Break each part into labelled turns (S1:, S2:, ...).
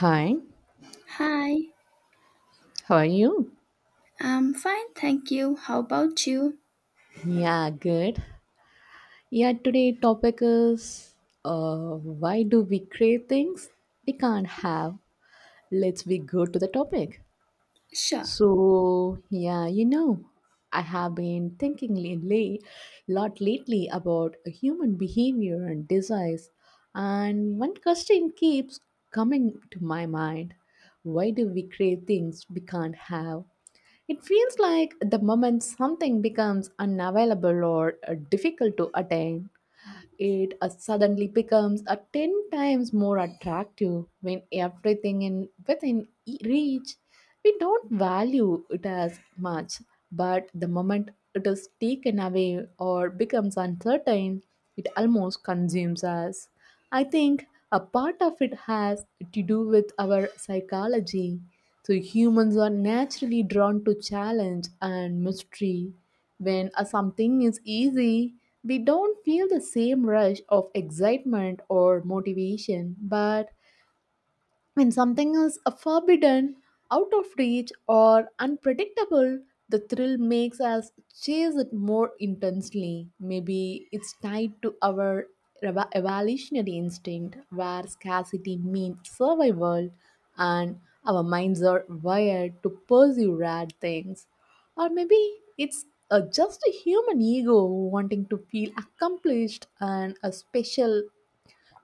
S1: Hi,
S2: Hi,
S1: how are you?
S2: I'm fine, thank you. How about you?
S1: Yeah, good. Yeah, today topic is why do we crave things we can't have? Let's be good to the topic.
S2: Sure.
S1: So yeah, you know, I have been thinking a lot lately about human behavior and desires, and one question keeps coming to my mind: Why do we crave things we can't have? It feels like the moment something becomes unavailable or difficult to attain, it suddenly becomes a 10 times more attractive when everything in within reach, we don't value it as much, but the moment it is taken away or becomes uncertain, it almost consumes us. I think a part of it has to do with our psychology. So humans are naturally drawn to challenge and mystery. When a something is easy, we don't feel the same rush of excitement or motivation, but when something is forbidden, out of reach, or unpredictable, the thrill makes us chase it more intensely. Maybe it's tied to our evolutionary instinct, where scarcity means survival, and our minds are wired to pursue rare things. Or maybe it's just a human ego wanting to feel accomplished and a special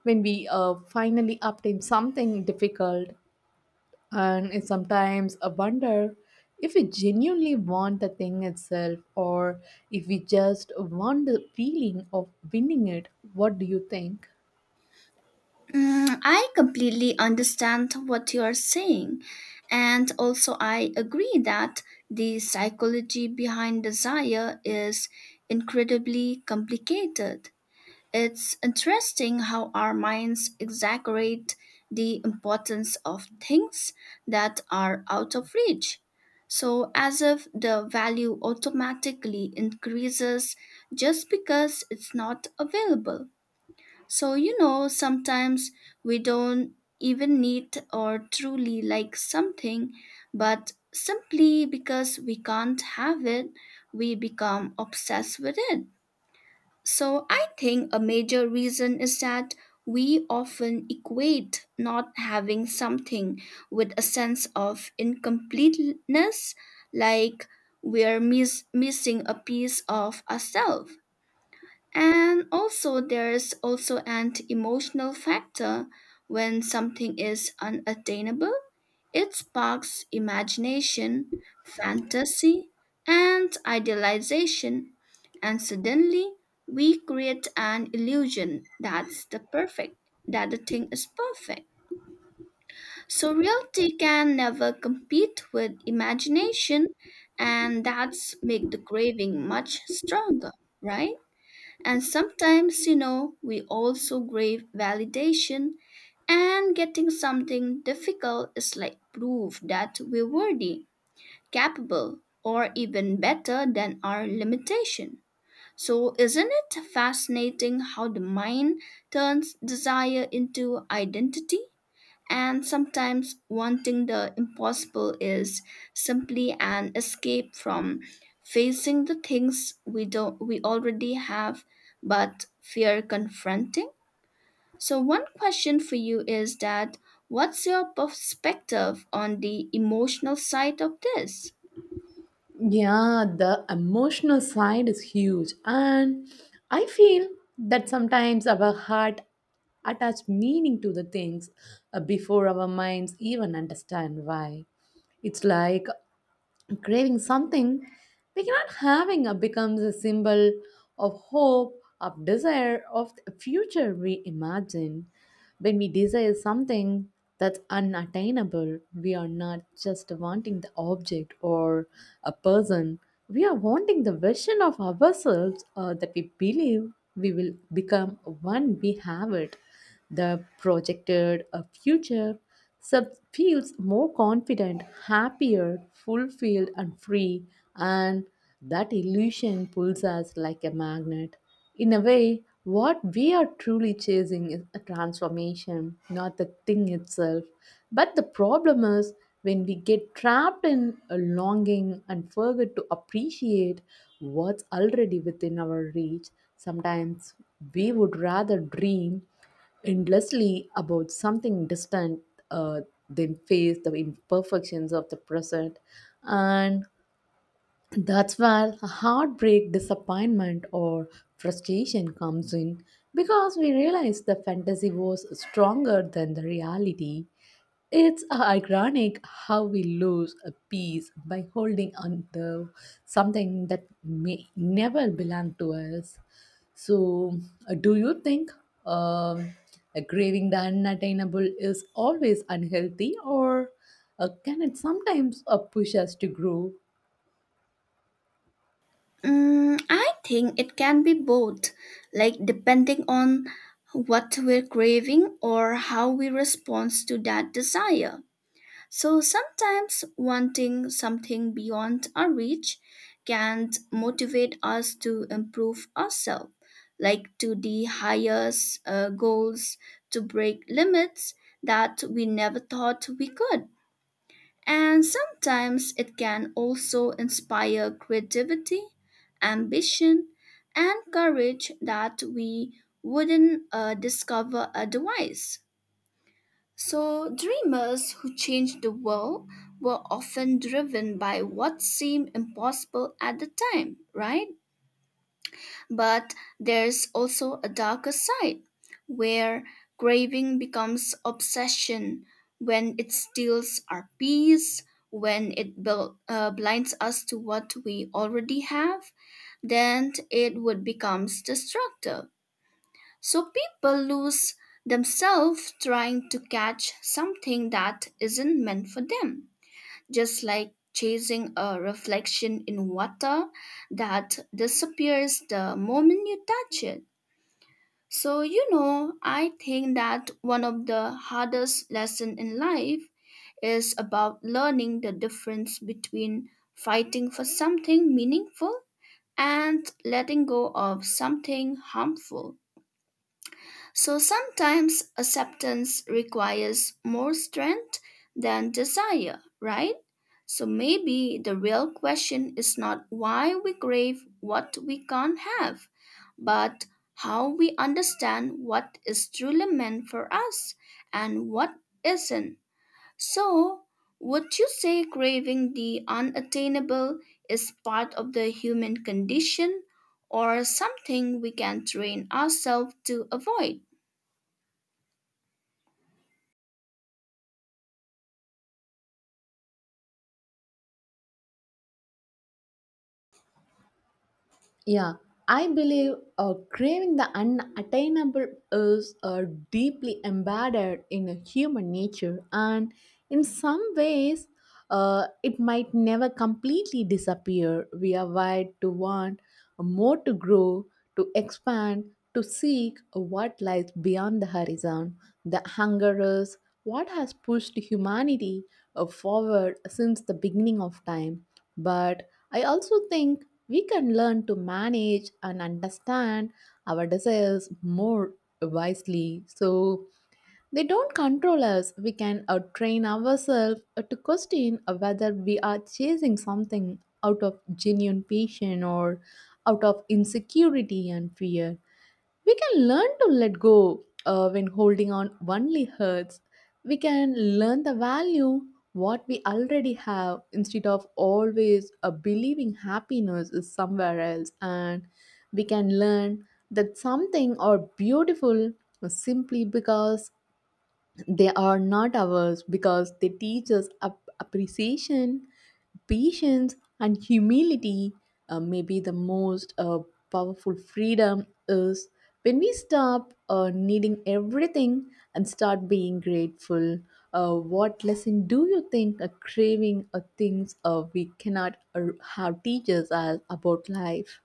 S1: when we finally obtain something difficult, and it sometimes I wonder if we genuinely want the thing itself or if we just want the feeling of winning it. What do you think?
S2: I completely understand what you are saying, and also I agree that the psychology behind desire is incredibly complicated. It's interesting how our minds exaggerate the importance of things that are out of reach. So, as if the value automatically increases just because it's not available. So, you know, sometimes we don't even need or truly like something, but simply because we can't have it, we become obsessed with it. So I think a major reason is that we often equate not having something with a sense of incompleteness, like missing a piece of ourselves. And also, there's also an emotional factor when something is unattainable. It sparks imagination, fantasy, and idealization. And suddenly, we create an illusion that the thing is perfect. So, reality can never compete with imagination, and that's make the craving much stronger, right? And sometimes, you know, we also crave validation, and getting something difficult is like proof that we're worthy, capable, or even better than our limitation. So, isn't it fascinating how the mind turns desire into identity? And sometimes wanting the impossible is simply an escape from facing the things we don't we already have but fear confronting. So one question for you is that what's your perspective on the emotional side of this?
S1: Yeah, the emotional side is huge. And I feel that sometimes our heart attach meaning to the things before our minds even understand why. It's like craving something we cannot having becomes a symbol of hope, of desire, of the future we imagine. When we desire something that's unattainable, we are not just wanting the object or a person, we are wanting the version of ourselves that we believe we will become when we have it. The projected a future Sub feels more confident, happier, fulfilled, and free, and that illusion pulls us like a magnet. In a way, what we are truly chasing is a transformation, not the thing itself. But the problem is when we get trapped in a longing and forget to appreciate what's already within our reach. Sometimes we would rather dream endlessly about something distant, uh, they face the imperfections of the present, and that's where heartbreak, disappointment, or frustration comes in, because we realize the fantasy was stronger than the reality. It's ironic how we lose a piece by holding on to something that may never belong to us. So, do you think um, craving the unattainable is always unhealthy, or can it sometimes push us to grow?
S2: I think it can be both, like depending on what we're craving or how we respond to that desire. So sometimes wanting something beyond our reach can motivate us to improve ourselves, like to the highest goals, to break limits that we never thought we could. And sometimes it can also inspire creativity, ambition, and courage that we wouldn't discover otherwise. So, dreamers who changed the world were often driven by what seemed impossible at the time, right? But there's also a darker side where craving becomes obsession, when it steals our peace, when it blinds us to what we already have, then it would becomes destructive. So people lose themselves trying to catch something that isn't meant for them, just like chasing a reflection in water that disappears the moment you touch it. So, you know, I think that one of the hardest lessons in life is about learning the difference between fighting for something meaningful and letting go of something harmful. So sometimes acceptance requires more strength than desire, right? So maybe the real question is not why we crave what we can't have, but how we understand what is truly meant for us and what isn't. So, would you say craving the unattainable is part of the human condition or something we can train ourselves to avoid?
S1: Yeah, I believe craving the unattainable is deeply embedded in a human nature, and in some ways, it might never completely disappear. We are wired to want more, to grow, to expand, to seek what lies beyond the horizon. The hunger is what has pushed humanity forward since the beginning of time. But I also think we can learn to manage and understand our desires more wisely so they don't control us. We can train ourselves to question whether we are chasing something out of genuine passion or out of insecurity and fear. We can learn to let go when holding on only hurts. We can learn the value what we already have instead of always believing happiness is somewhere else, and we can learn that something or beautiful simply because they are not ours, because they teach us appreciation, patience, and humility. Maybe the most powerful freedom is when we stop needing everything and start being grateful. What lesson do you think a craving or things we cannot have teaches us about life?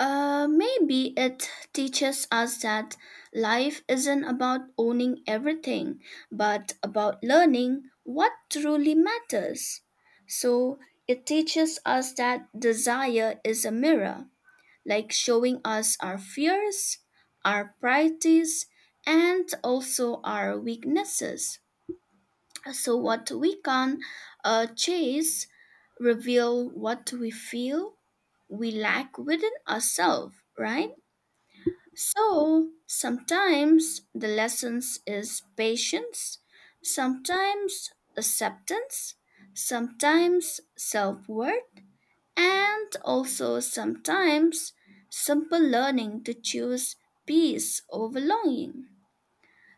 S2: Maybe it teaches us that life isn't about owning everything, but about learning what truly matters. So it teaches us that desire is a mirror, like showing us our fears, our priorities, and also our weaknesses. So, what we can chase reveal what we feel we lack within ourselves, right? So sometimes the lessons is patience, sometimes acceptance, sometimes self-worth, and also sometimes simple learning to choose peace over longing.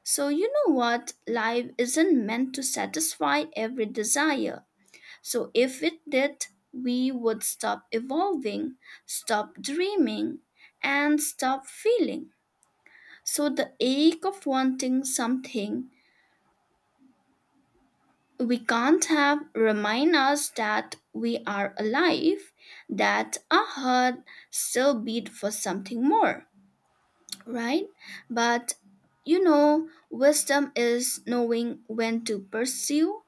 S2: So you know what? Life isn't meant to satisfy every desire. So if it did, we would stop evolving, stop dreaming, and stop feeling. So the ache of wanting something we can't have remind us that we are alive, that our heart still beat for something more, right? But you know, wisdom is knowing when to pursue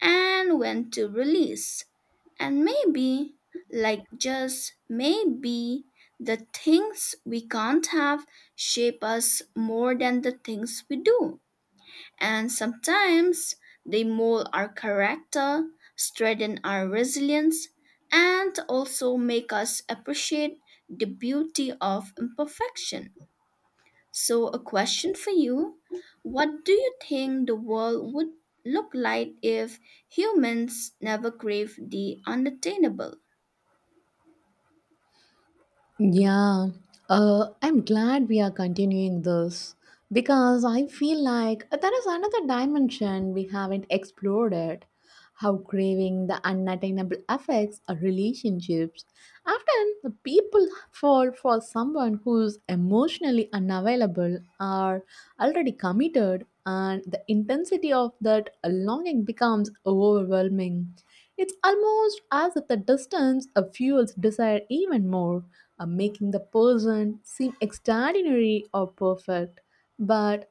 S2: and when to release. And maybe, like just maybe, the things we can't have shape us more than the things we do. And sometimes they mold our character, strengthen our resilience, and also make us appreciate the beauty of imperfection. So, a question for you: what do you think the world would look like if humans never crave the unattainable?
S1: Yeah, I'm glad we are continuing this because I feel like there is another dimension we haven't explored it. How craving the unattainable affects our relationships. Often, the people fall for someone who's emotionally unavailable are already committed, and the intensity of that longing becomes overwhelming. It's almost as if the distance fuels desire even more, making the person seem extraordinary or perfect. But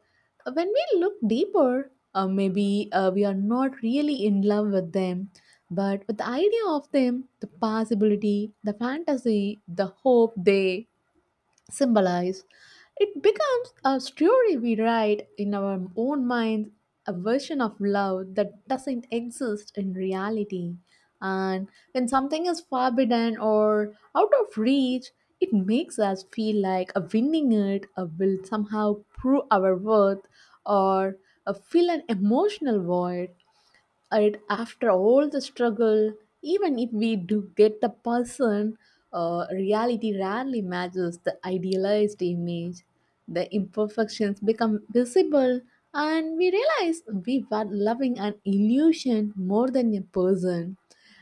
S1: when we look deeper, maybe we are not really in love with them, but with the idea of them, the possibility, the fantasy, the hope they symbolize. It becomes a story we write in our own minds, a version of love that doesn't exist in reality. And when something is forbidden or out of reach, it makes us feel like a winning it will somehow prove our worth, or fill an emotional void, and after all the struggle, even if we do get the person, reality rarely matches the idealized image. The imperfections become visible, and we realize we were loving an illusion more than a person.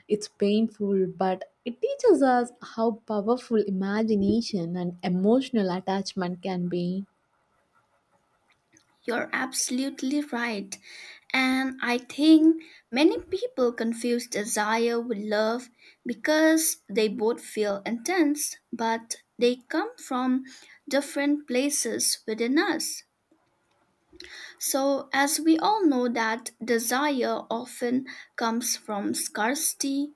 S1: It's painful, but it teaches us how powerful imagination and emotional attachment can be.
S2: You're absolutely right. And I think many people confuse desire with love because they both feel intense, but they come from different places within us. So, as we all know, that desire often comes from scarcity,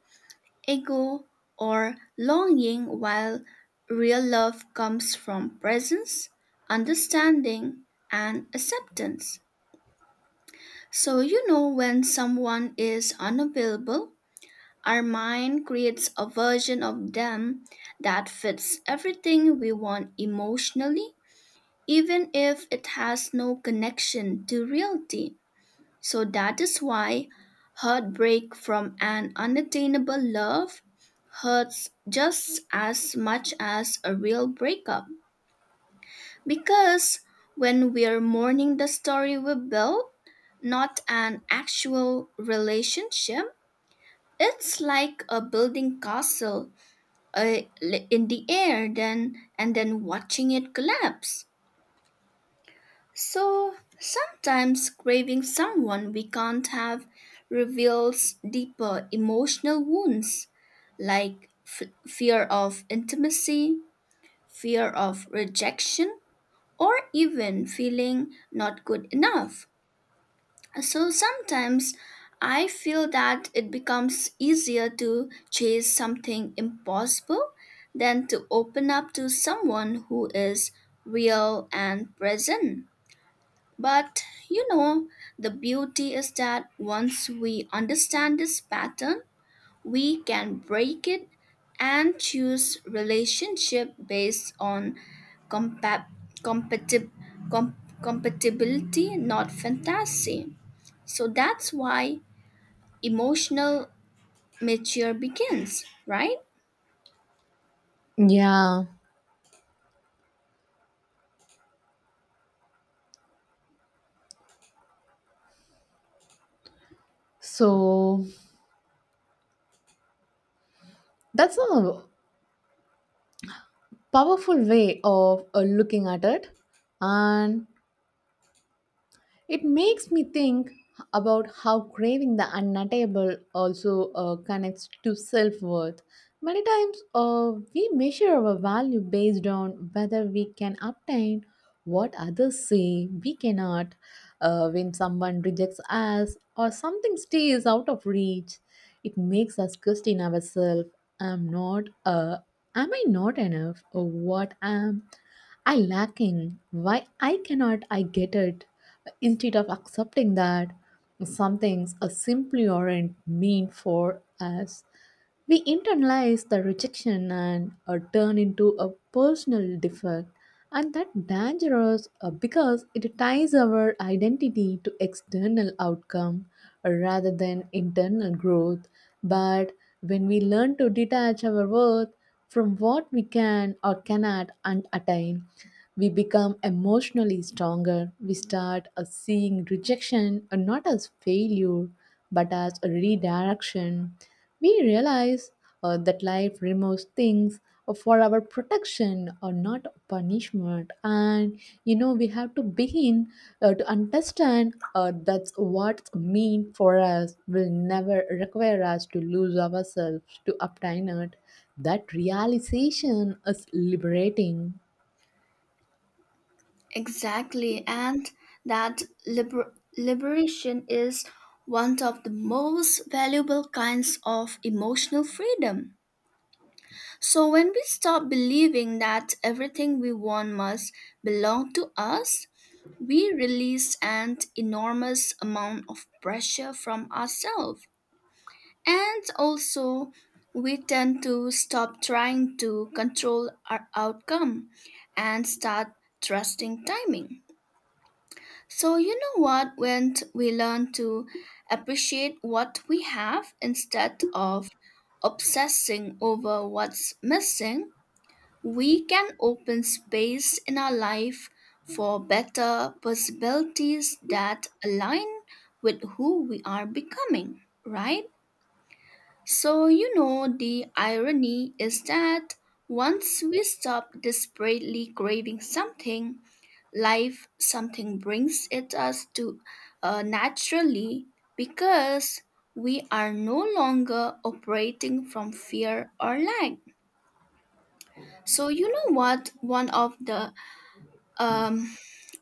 S2: ego, or longing, while real love comes from presence, understanding, and acceptance. So, you know, when someone is unavailable, our mind creates a version of them that fits everything we want emotionally, even if it has no connection to reality. So, that is why heartbreak from an unattainable love hurts just as much as a real breakup. Because when we're mourning the story we built, not an actual relationship, it's like a building castle in the air then watching it collapse. So sometimes craving someone we can't have reveals deeper emotional wounds like fear of intimacy, fear of rejection, or even feeling not good enough. So sometimes I feel that it becomes easier to chase something impossible than to open up to someone who is real and present. But you know, the beauty is that once we understand this pattern, we can break it and choose relationship based on compa- compatib- com- compatibility, not fantasy. So that's why emotional mature begins, right?
S1: Yeah, so that's all powerful way of looking at it, and it makes me think about how craving the unattainable also connects to self-worth. Many times we measure our value based on whether we can obtain what others say we cannot. When someone rejects us or something stays out of reach, it makes us question ourselves. I'm not am I not enough, or what am I lacking. Why I cannot I get it? Instead of accepting that some things are simply aren't meant for us, we internalize the rejection and turn into a personal defect, and that dangerous because it ties our identity to external outcome rather than internal growth. But when we learn to detach our worth from what we can or cannot and attain. We become emotionally stronger. We start seeing rejection not as failure but as a redirection. We realize that life removes things for our protection or not punishment, and you know we have to begin to understand that's what's mean for us will never require us to lose ourselves to obtain it. That realization is liberating.
S2: Exactly, and that liberation is one of the most valuable kinds of emotional freedom. So, when we stop believing that everything we want must belong to us, we release an enormous amount of pressure from ourselves. And also, we tend to stop trying to control our outcome and start trusting timing. So, you know what? We learn to appreciate what we have instead of obsessing over what's missing, we can open space in our life for better possibilities that align with who we are becoming, right? So, you know, the irony is that once we stop desperately craving something, life something brings it us to naturally because we are no longer operating from fear or lack. So, you know what? One of the Um,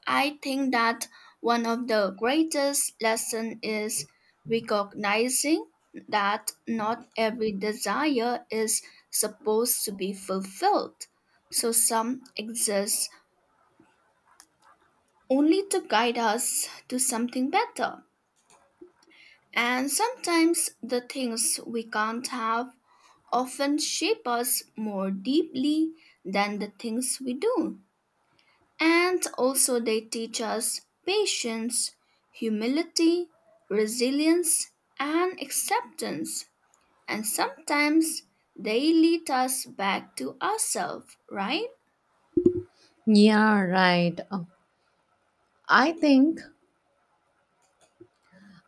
S2: I think that one of the greatest lesson is recognizing that not every desire is supposed to be fulfilled. So some exist only to guide us to something better. And sometimes the things we can't have often shape us more deeply than the things we do. And also, they teach us patience, humility, resilience, and acceptance. And sometimes they lead us back to ourselves, right?
S1: Yeah, right. I think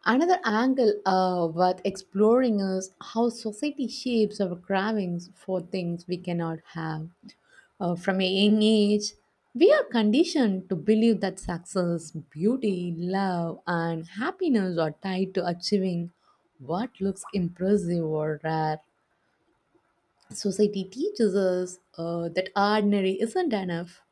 S1: another angle worth exploring is how society shapes our cravings for things we cannot have. From a young age, we are conditioned to believe that success, beauty, love, and happiness are tied to achieving what looks impressive or rare. Society teaches us that ordinary isn't enough.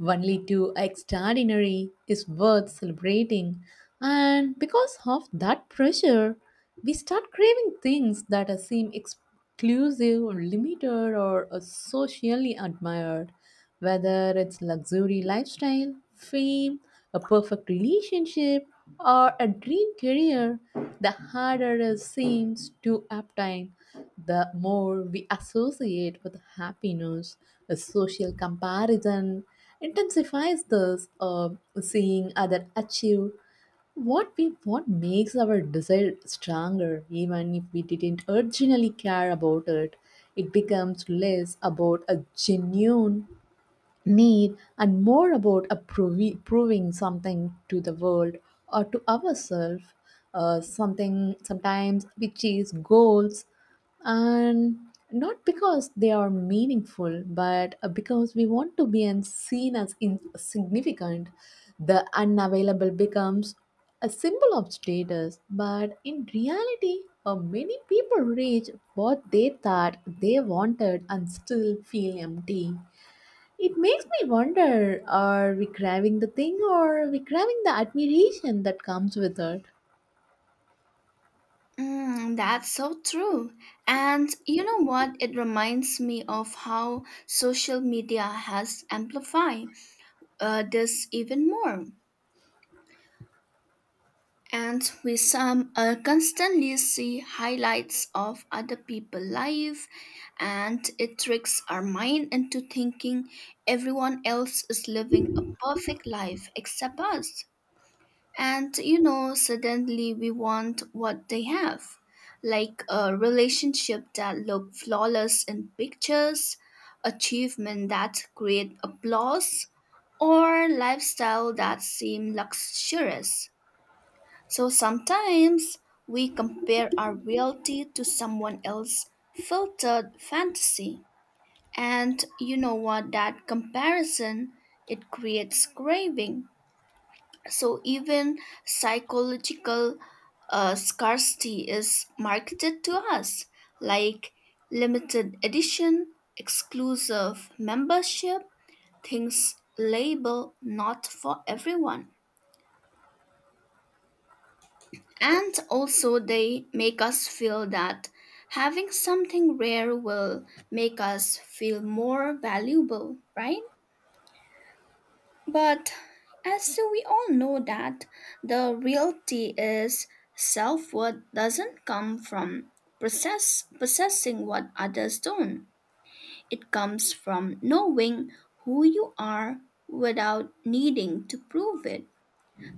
S1: Only to extraordinary is worth celebrating. And because of that pressure, we start craving things that seem exclusive or limited or socially admired. Whether it's luxury lifestyle, fame, a perfect relationship, or a dream career, the harder it seems to obtain, the more we associate with happiness. A social comparison intensifies this, seeing others achieve what makes our desire stronger even if we didn't originally care about it. It becomes less about a genuine need and more about a proving something to the world or to ourselves. Uh, something sometimes we chase goals and not because they are meaningful but because we want to be and seen as insignificant. The unavailable becomes a symbol of status, but in reality, many people reach what they thought they wanted and still feel empty. It makes me wonder, are we craving the thing or are we craving the admiration that comes with it?
S2: That's so true. And you know what? It reminds me of how social media has amplified this even more. And we some constantly see highlights of other people' life, and it tricks our mind into thinking everyone else is living a perfect life except us. And you know, suddenly we want what they have, like a relationship that look flawless in pictures, achievement that create applause, or lifestyle that seem luxurious. So sometimes we compare our reality to someone else's filtered fantasy. And you know what? That comparison, it creates craving. So even psychological scarcity is marketed to us, like limited edition, exclusive membership, things labeled not for everyone. And also, they make us feel that having something rare will make us feel more valuable, right? But as we all know that the reality is self-worth doesn't come from possessing what others don't. It comes from knowing who you are without needing to prove it.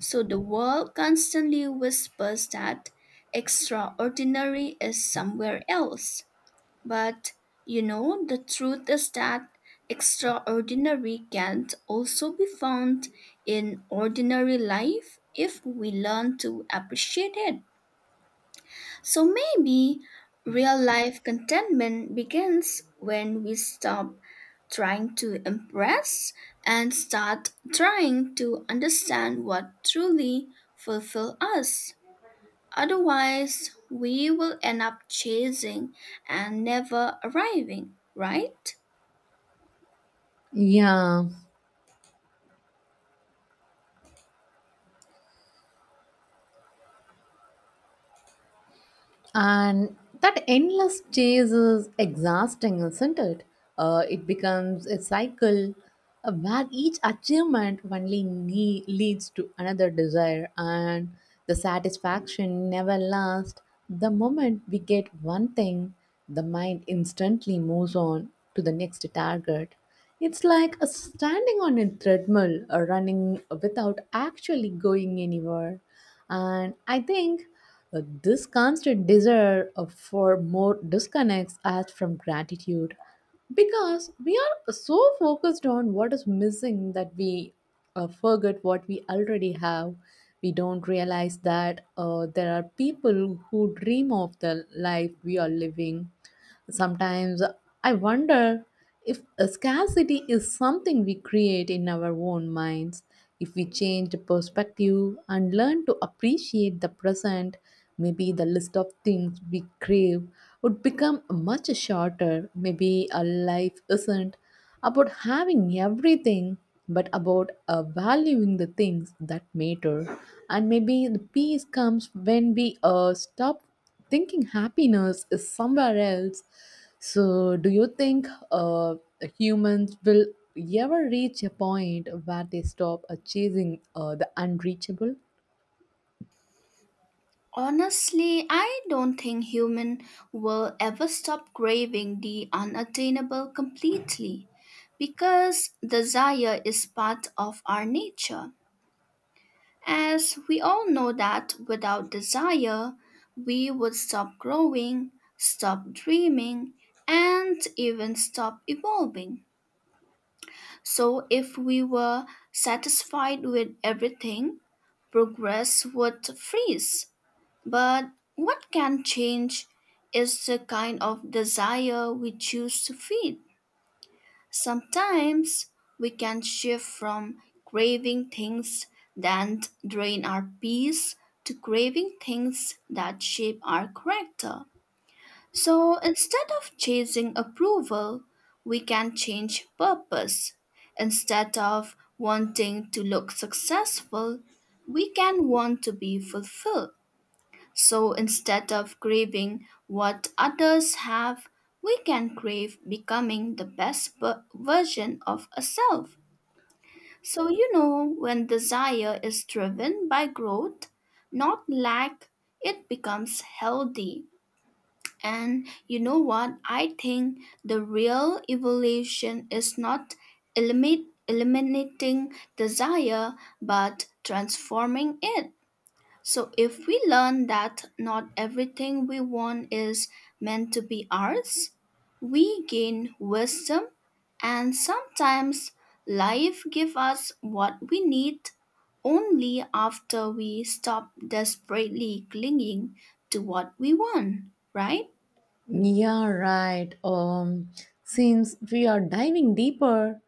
S2: So the world constantly whispers that extraordinary is somewhere else. But you know, the truth is that extraordinary can also be found in ordinary life if we learn to appreciate it. So maybe real life contentment begins when we stop trying to impress and start trying to understand what truly fulfills us. Otherwise, we will end up chasing and never arriving, right?
S1: Yeah, and that endless chase is exhausting, isn't it? It becomes a cycle where each achievement only leads to another desire, and the satisfaction never lasts. The moment we get one thing, the mind instantly moves on to the next target. It's like a standing on a treadmill, or running without actually going anywhere. And I think this constant desire for more disconnects us from gratitude because we are so focused on what is missing that we forget what we already have. We don't realize that there are people who dream of the life we are living. Sometimes I wonder if a scarcity is something we create in our own minds. If we change the perspective and learn to appreciate the present, maybe the list of things we crave would become much shorter. Maybe our life isn't about having everything, but about valuing the things that matter. And maybe the peace comes when we stop thinking happiness is somewhere else. So, do you think humans will ever reach a point where they stop chasing the unreachable?
S2: Honestly, I don't think human will ever stop craving the unattainable completely because desire is part of our nature. As we all know that without desire, we would stop growing, stop dreaming, and even stop evolving. So if we were satisfied with everything, progress would freeze, but what can change is the kind of desire we choose to feed. Sometimes we can shift from craving things that drain our peace to craving things that shape our character. So instead of chasing approval, we can change purpose. Instead of wanting to look successful, we can want to be fulfilled. So instead of craving what others have, we can crave becoming the best version of ourselves. So, you know, when desire is driven by growth, not lack, it becomes healthy. And you know what? I think the real evolution is not eliminating desire but transforming it. So, if we learn that not everything we want is meant to be ours, we gain wisdom, and sometimes life gives us what we need only after we stop desperately clinging to what we want, right?
S1: Yeah, right. Since we are diving deeper,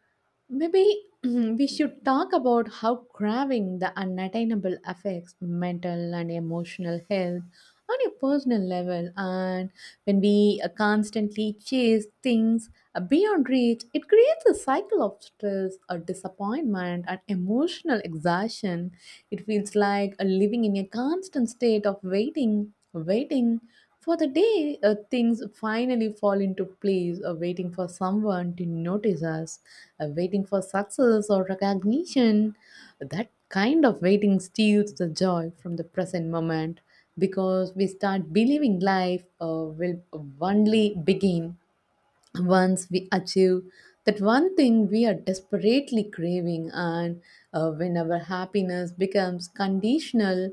S1: maybe we should talk about how craving the unattainable affects mental and emotional health on a personal level. And when we constantly chase things beyond reach, it creates a cycle of stress, or disappointment, and emotional exhaustion. It feels like living in a constant state of waiting for the day things finally fall into place, waiting for someone to notice us, waiting for success or recognition. That kind of waiting steals the joy from the present moment because we start believing life will only begin once we achieve that one thing we are desperately craving. And when our happiness becomes conditional,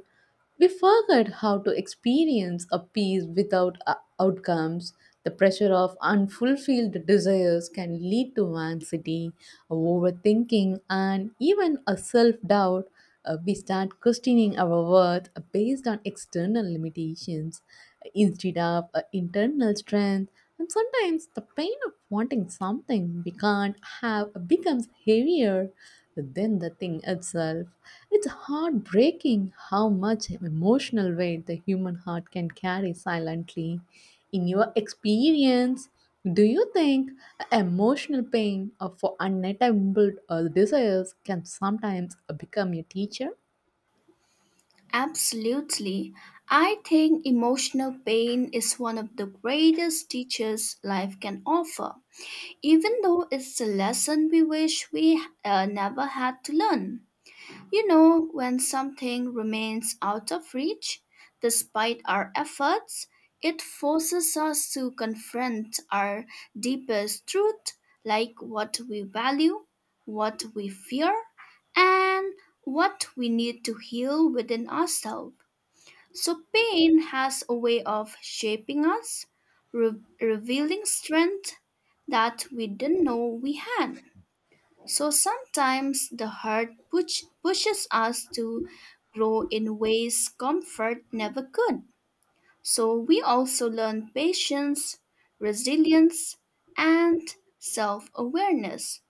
S1: we forget how to experience a peace without outcomes. The pressure of unfulfilled desires can lead to anxiety, overthinking, and even a self-doubt. We start questioning our worth based on external limitations, instead of internal strength. And sometimes the pain of wanting something we can't have becomes heavier than the thing itself. It's heartbreaking how much emotional weight the human heart can carry silently. In your experience, do you think emotional pain for unattainable desires can sometimes become a teacher?
S2: Absolutely. I think emotional pain is one of the greatest teachers life can offer even though it's a lesson we wish we never had to learn. You know, when something remains out of reach, despite our efforts, it forces us to confront our deepest truth, like what we value, what we fear, and what we need to heal within ourselves. So pain has a way of shaping us, revealing strength that we didn't know we had. So sometimes the pushes us to grow in ways comfort never could. So we also learn patience, resilience, and self awareness.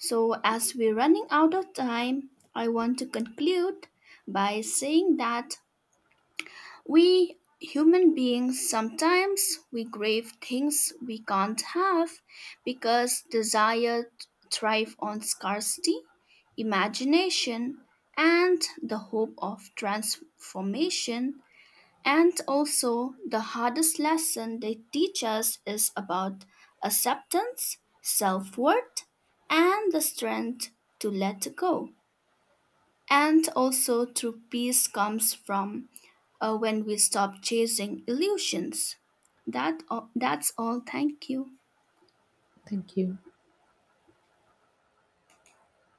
S2: So, as we're running out of time, I want to conclude by saying that we human beings sometimes we crave things we can't have because desire thrive on scarcity, imagination and the hope of transformation. And also the hardest lesson they teach us is about acceptance, self-worth and the strength to let go. And also, true peace comes from when we stop chasing illusions. That's all. Thank you.
S1: Thank you.